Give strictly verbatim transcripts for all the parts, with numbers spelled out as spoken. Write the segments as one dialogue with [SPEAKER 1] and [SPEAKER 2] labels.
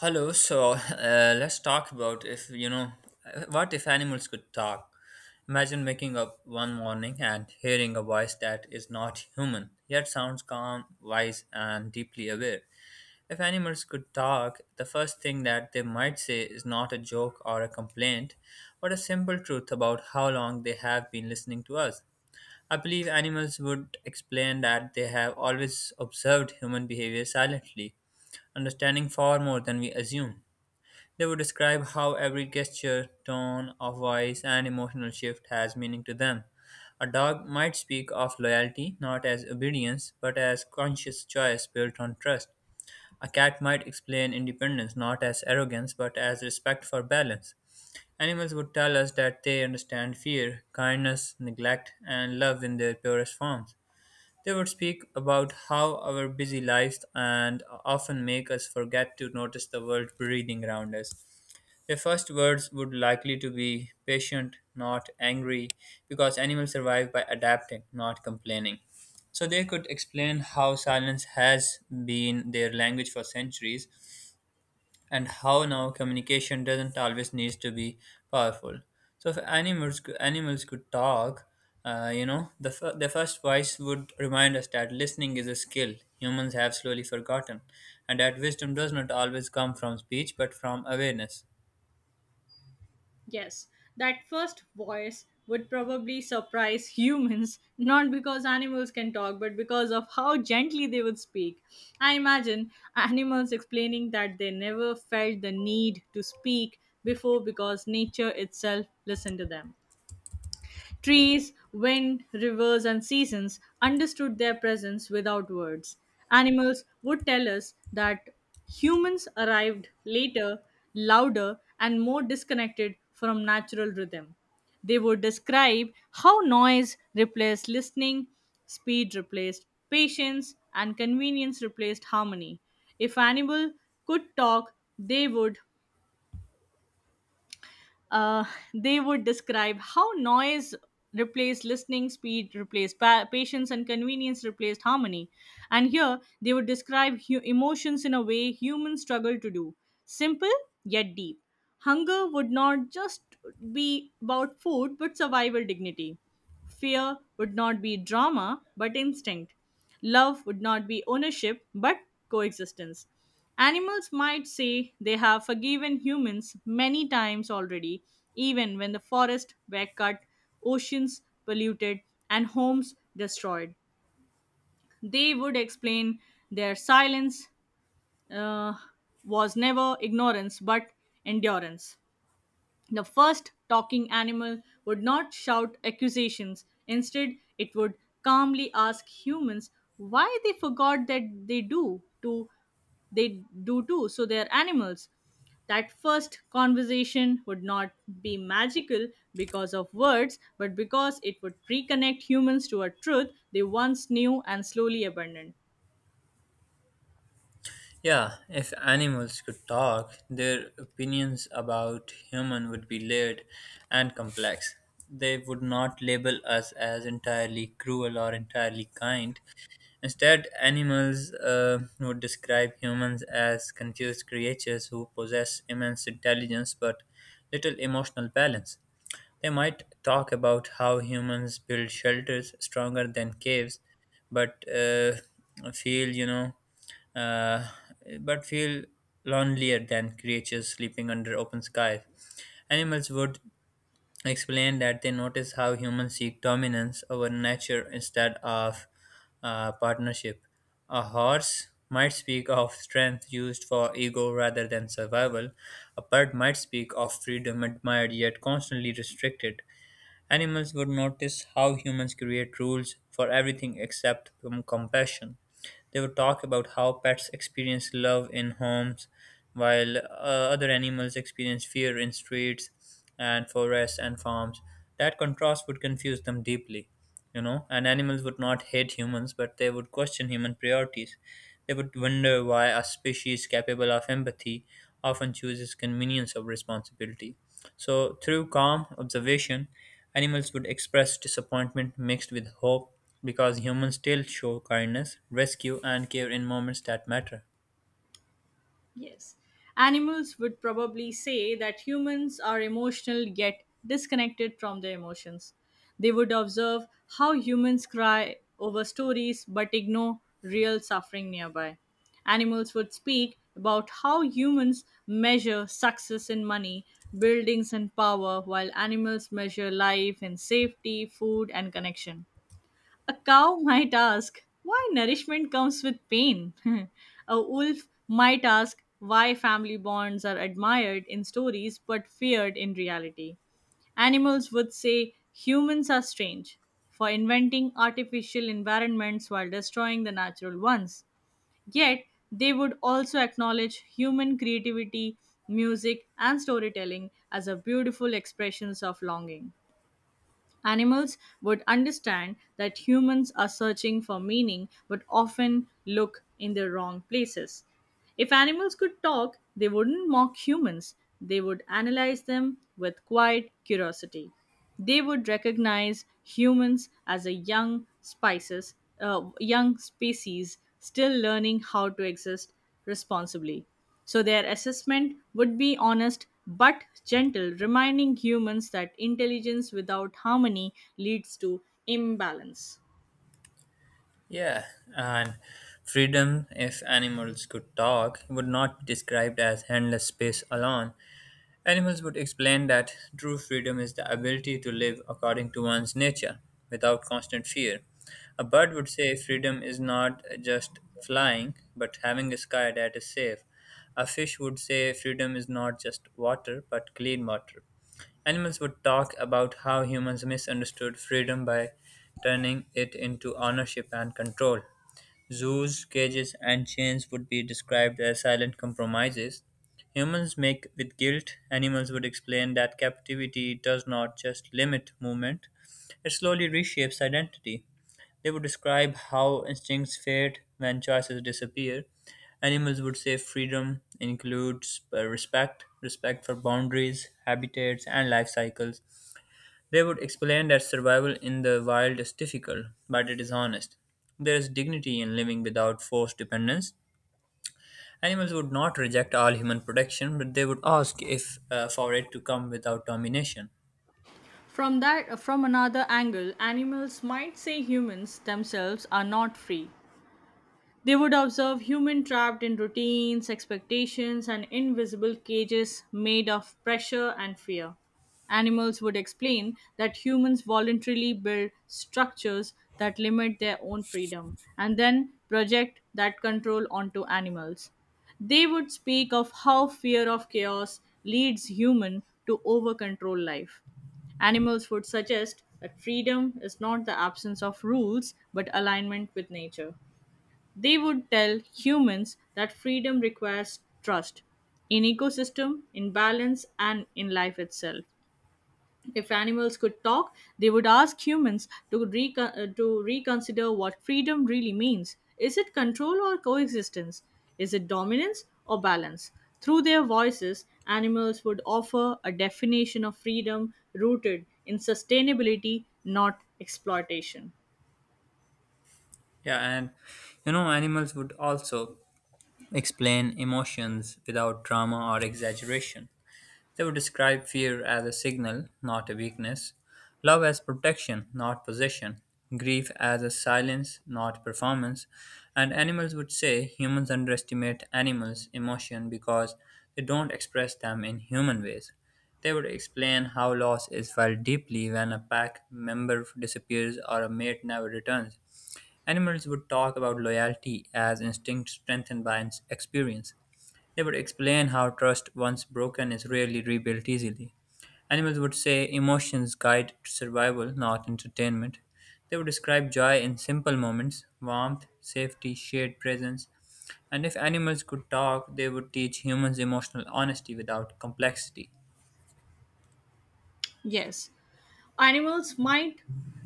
[SPEAKER 1] Hello, so uh, let's talk about if you know what if animals could talk. Imagine waking up one morning and hearing a voice that is not human, yet sounds calm, wise, and deeply aware. If animals could talk, the first thing that they might say is not a joke or a complaint, but a simple truth about how long they have been listening to us. I believe animals would explain that they have always observed human behavior silently, understanding far more than we assume. They would describe how every gesture, tone of voice, and emotional shift has meaning to them. A dog might speak of loyalty not as obedience but as conscious choice built on trust. A cat might explain independence not as arrogance but as respect for balance. Animals would tell us that they understand fear, kindness, neglect, and love in their purest forms. They would speak about how our busy lives and often make us forget to notice the world breathing around us. Their first words would likely to be patient, not angry, because animals survive by adapting, not complaining. So they could explain how silence has been their language for centuries and how now communication doesn't always need to be powerful. So if animals animals could talk, uh, you know, the, f- the first voice would remind us that listening is a skill humans have slowly forgotten, and that wisdom does not always come from speech but from awareness.
[SPEAKER 2] Yes, that first voice would probably surprise humans, not because animals can talk, but because of how gently they would speak. I imagine animals explaining that they never felt the need to speak before because nature itself listened to them. Trees, wind, rivers, and seasons understood their presence without words. Animals would tell us that humans arrived later, louder, and more disconnected from natural rhythm. They would describe how noise replaced listening, speed replaced patience, and convenience replaced harmony. If animal could talk, they would uh, they would describe how noise replaced listening, speed replaced pa- patience, and convenience replaced harmony. And here they would describe hu- emotions in a way humans struggle to do simple yet deep. Hunger would not just be about food but survival dignity. Fear would not be drama, but instinct. Love would not be ownership, but coexistence. Animals might say they have forgiven humans many times already, even when the forests were cut, oceans polluted, and homes destroyed. They would explain their silence uh, was never ignorance but endurance. The first talking animal would not shout accusations. Instead, it would calmly ask humans why they forgot that they do to they do too, so they are animals. That first conversation would not be magical because of words, but because it would reconnect humans to a truth they once knew and slowly abandoned.
[SPEAKER 1] Yeah, if animals could talk, their opinions about human would be layered and complex. They would not label us as entirely cruel or entirely kind. Instead, animals uh, would describe humans as confused creatures who possess immense intelligence but little emotional balance. They might talk about how humans build shelters stronger than caves, but uh, feel, you know, uh, but feel lonelier than creatures sleeping under open skies. Animals would explained that they notice how humans seek dominance over nature instead of uh, partnership. A horse might speak of strength used for ego rather than survival. A bird might speak of freedom admired yet constantly restricted. Animals would notice how humans create rules for everything except com- compassion. They would talk about how pets experience love in homes, while uh, other animals experience fear in streets and forests and farms. That contrast would confuse them deeply, you know, and animals would not hate humans, but they would question human priorities. They would wonder why a species capable of empathy often chooses convenience over responsibility. So, through calm observation, animals would express disappointment mixed with hope because humans still show kindness, rescue, and care in moments that matter.
[SPEAKER 2] Yes. Animals would probably say that humans are emotional yet disconnected from their emotions. They would observe how humans cry over stories but ignore real suffering nearby. Animals would speak about how humans measure success in money, buildings, and power, while animals measure life in safety, food, and connection. A cow might ask why nourishment comes with pain. A wolf might ask why family bonds are admired in stories but feared in reality. Animals would say humans are strange for inventing artificial environments while destroying the natural ones. Yet, they would also acknowledge human creativity, music, and storytelling as a beautiful expressions of longing. Animals would understand that humans are searching for meaning but often look in the wrong places. If animals could talk, they wouldn't mock humans, they would analyze them with quiet curiosity. They would recognize humans as a young species, uh, young species still learning how to exist responsibly. So their assessment would be honest but gentle, reminding humans that intelligence without harmony leads to imbalance.
[SPEAKER 1] Yeah, and freedom, if animals could talk, would not be described as endless space alone. Animals would explain that true freedom is the ability to live according to one's nature without constant fear. A bird would say freedom is not just flying, but having a sky that is safe. A fish would say freedom is not just water, but clean water. Animals would talk about how humans misunderstood freedom by turning it into ownership and control. Zoos, cages, and chains would be described as silent compromises humans make with guilt. Animals would explain that captivity does not just limit movement, it slowly reshapes identity. They would describe how instincts fade when choices disappear. Animals would say freedom includes uh, respect, respect for boundaries, habitats, and life cycles. They would explain that survival in the wild is difficult, but it is honest. There is dignity in living without forced dependence. Animals would not reject all human protection, but they would ask if uh, for it to come without domination.
[SPEAKER 2] From that from another angle, animals might say humans themselves are not free. They would observe human trapped in routines, expectations, and invisible cages made of pressure and fear. Animals would explain that humans voluntarily build structures that limit their own freedom and then project that control onto animals. They would speak of how fear of chaos leads human to overcontrol life. Animals would suggest that freedom is not the absence of rules but alignment with nature. They would tell humans that freedom requires trust in ecosystem, in balance, and in life itself. If animals could talk, they would ask humans to, recon- uh, to reconsider what freedom really means. Is it control or coexistence? Is it dominance or balance? Through their voices, animals would offer a definition of freedom rooted in sustainability, not exploitation.
[SPEAKER 1] Yeah, and you know, animals would also explain emotions without drama or exaggeration. They would describe fear as a signal, not a weakness, love as protection, not possession, grief as a silence, not performance, and animals would say humans underestimate animals' emotion because they don't express them in human ways. They would explain how loss is felt deeply when a pack member disappears or a mate never returns. Animals would talk about loyalty as instinct strengthened by ins- experience. They would explain how trust, once broken, is rarely rebuilt easily. Animals would say emotions guide survival, not entertainment. They would describe joy in simple moments warmth, safety, shared presence. And if animals could talk, they would teach humans emotional honesty without complexity.
[SPEAKER 2] Yes, animals might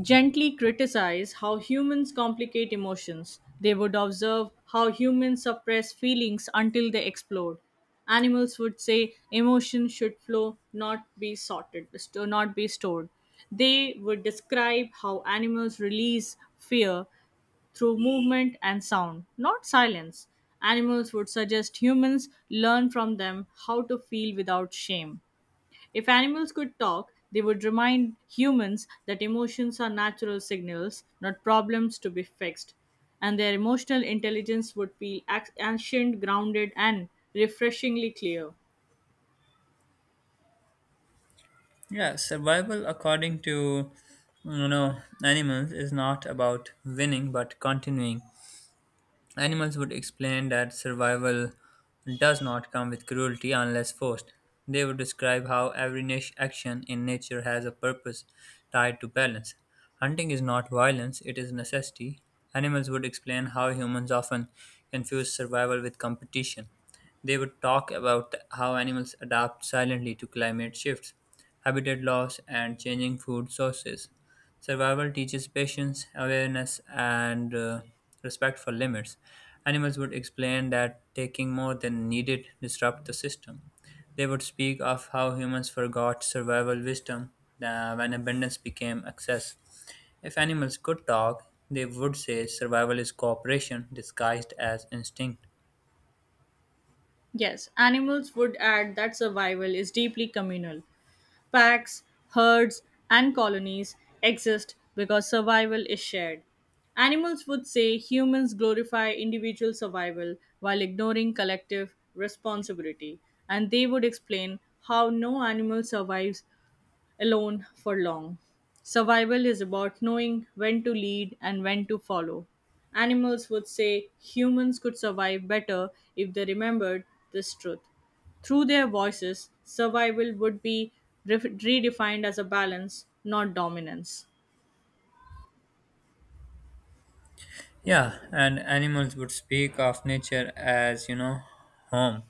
[SPEAKER 2] gently criticize how humans complicate emotions. They would observe how humans suppress feelings until they explode. Animals would say emotions should flow, not be sorted, sto- not be stored. They would describe how animals release fear through movement and sound, not silence. Animals would suggest humans learn from them how to feel without shame. If animals could talk, they would remind humans that emotions are natural signals, not problems to be fixed. And their emotional intelligence would feel ac- ancient, grounded, and refreshingly clear.
[SPEAKER 1] Yeah, survival, according to you know animals, is not about winning but continuing. Animals would explain that survival does not come with cruelty unless forced. They would describe how every niche action in nature has a purpose tied to balance. Hunting is not violence, it is necessity. Animals would explain how humans often confuse survival with competition. They would talk about how animals adapt silently to climate shifts, habitat loss, and changing food sources. Survival teaches patience, awareness, and uh, respect for limits. Animals would explain that taking more than needed disrupt the system. They would speak of how humans forgot survival wisdom uh, when abundance became excess. If animals could talk, they would say survival is cooperation disguised as instinct.
[SPEAKER 2] Yes, animals would add that survival is deeply communal. Packs, herds, and colonies exist because survival is shared. Animals would say humans glorify individual survival while ignoring collective responsibility, and they would explain how no animal survives alone for long. Survival is about knowing when to lead and when to follow. Animals would say humans could survive better if they remembered this truth. Through their voices, survival would be re- redefined as a balance, not dominance.
[SPEAKER 1] Yeah, and animals would speak of nature as, you know, home,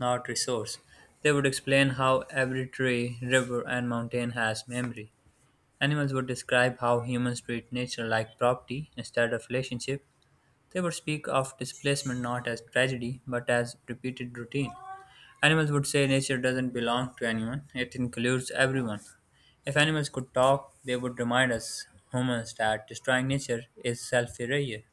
[SPEAKER 1] not resource. They would explain how every tree, river, and mountain has memory. Animals would describe how humans treat nature like property instead of relationship. They would speak of displacement not as tragedy but as repeated routine. Animals would say nature doesn't belong to anyone, it includes everyone. If animals could talk, they would remind us humans that destroying nature is self failure.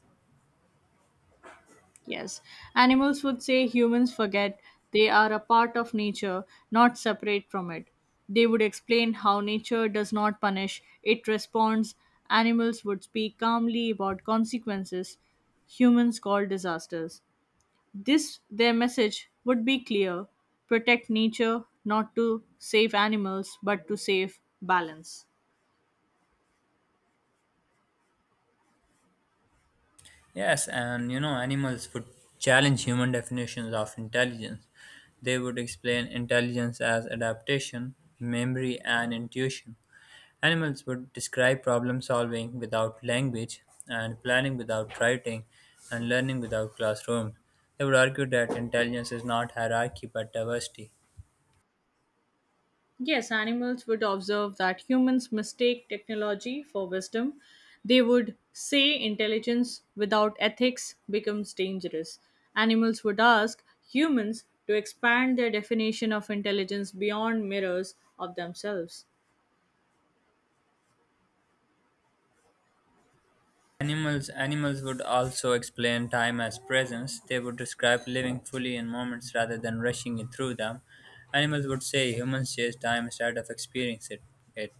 [SPEAKER 2] Yes, animals would say humans forget they are a part of nature, not separate from it. They would explain how nature does not punish, it responds. Animals would speak calmly about consequences humans call disasters. This, their message, would be clear: protect nature, not to save animals, but to save balance.
[SPEAKER 1] Yes, and you know, animals would challenge human definitions of intelligence. They would explain intelligence as adaptation, memory, and intuition. Animals would describe problem solving without language, and planning without writing, and learning without classrooms. They would argue that intelligence is not hierarchy but diversity.
[SPEAKER 2] Yes, animals would observe that humans mistake technology for wisdom. They would say intelligence without ethics becomes dangerous. Animals would ask humans to expand their definition of intelligence beyond mirrors of themselves.
[SPEAKER 1] Animals, animals would also explain time as presence. They would describe living fully in moments rather than rushing it through them. Animals would say humans chase time instead of experience it. it.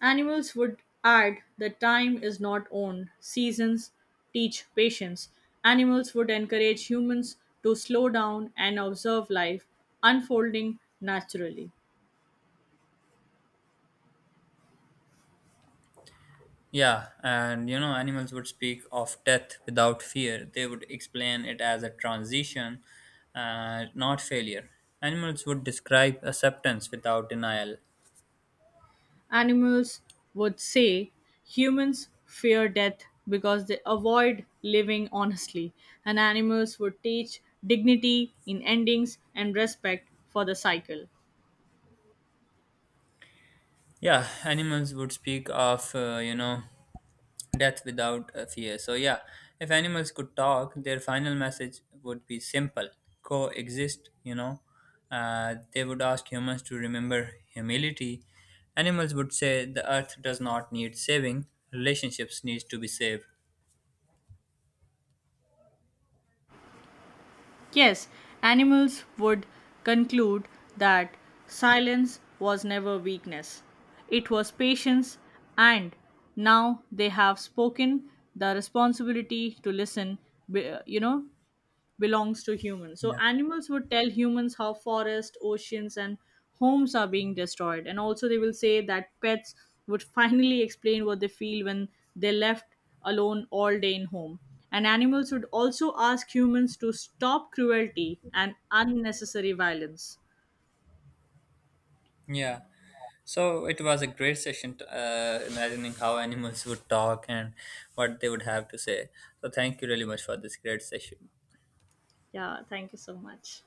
[SPEAKER 2] Animals would add that time is not owned, seasons teach patience. Animals would encourage humans to slow down and observe life unfolding naturally.
[SPEAKER 1] Yeah, and you know, animals would speak of death without fear. They would explain it as a transition, uh, not failure. Animals would describe acceptance without denial.
[SPEAKER 2] Animals would say humans fear death because they avoid living honestly, and animals would teach dignity in endings and respect for the cycle.
[SPEAKER 1] Yeah, animals would speak of, uh, you know, death without a fear. So, yeah, if animals could talk, their final message would be simple coexist. you know. Uh, they would ask humans to remember humility. Animals would say the earth does not need saving, relationships need to be saved.
[SPEAKER 2] Yes, animals would conclude that silence was never weakness, it was patience, and now they have spoken the responsibility to listen, be- you know, belongs to humans. So
[SPEAKER 1] Yeah.
[SPEAKER 2] animals would tell humans how forests, oceans, and homes are being destroyed. And also, they will say that pets would finally explain what they feel when they're left alone all day in home. And animals would also ask humans to stop cruelty and unnecessary violence.
[SPEAKER 1] Yeah. So it was a great session, t- uh, imagining how animals would talk and what they would have to say. So, thank you really much for this great session.
[SPEAKER 2] Yeah, thank you so much.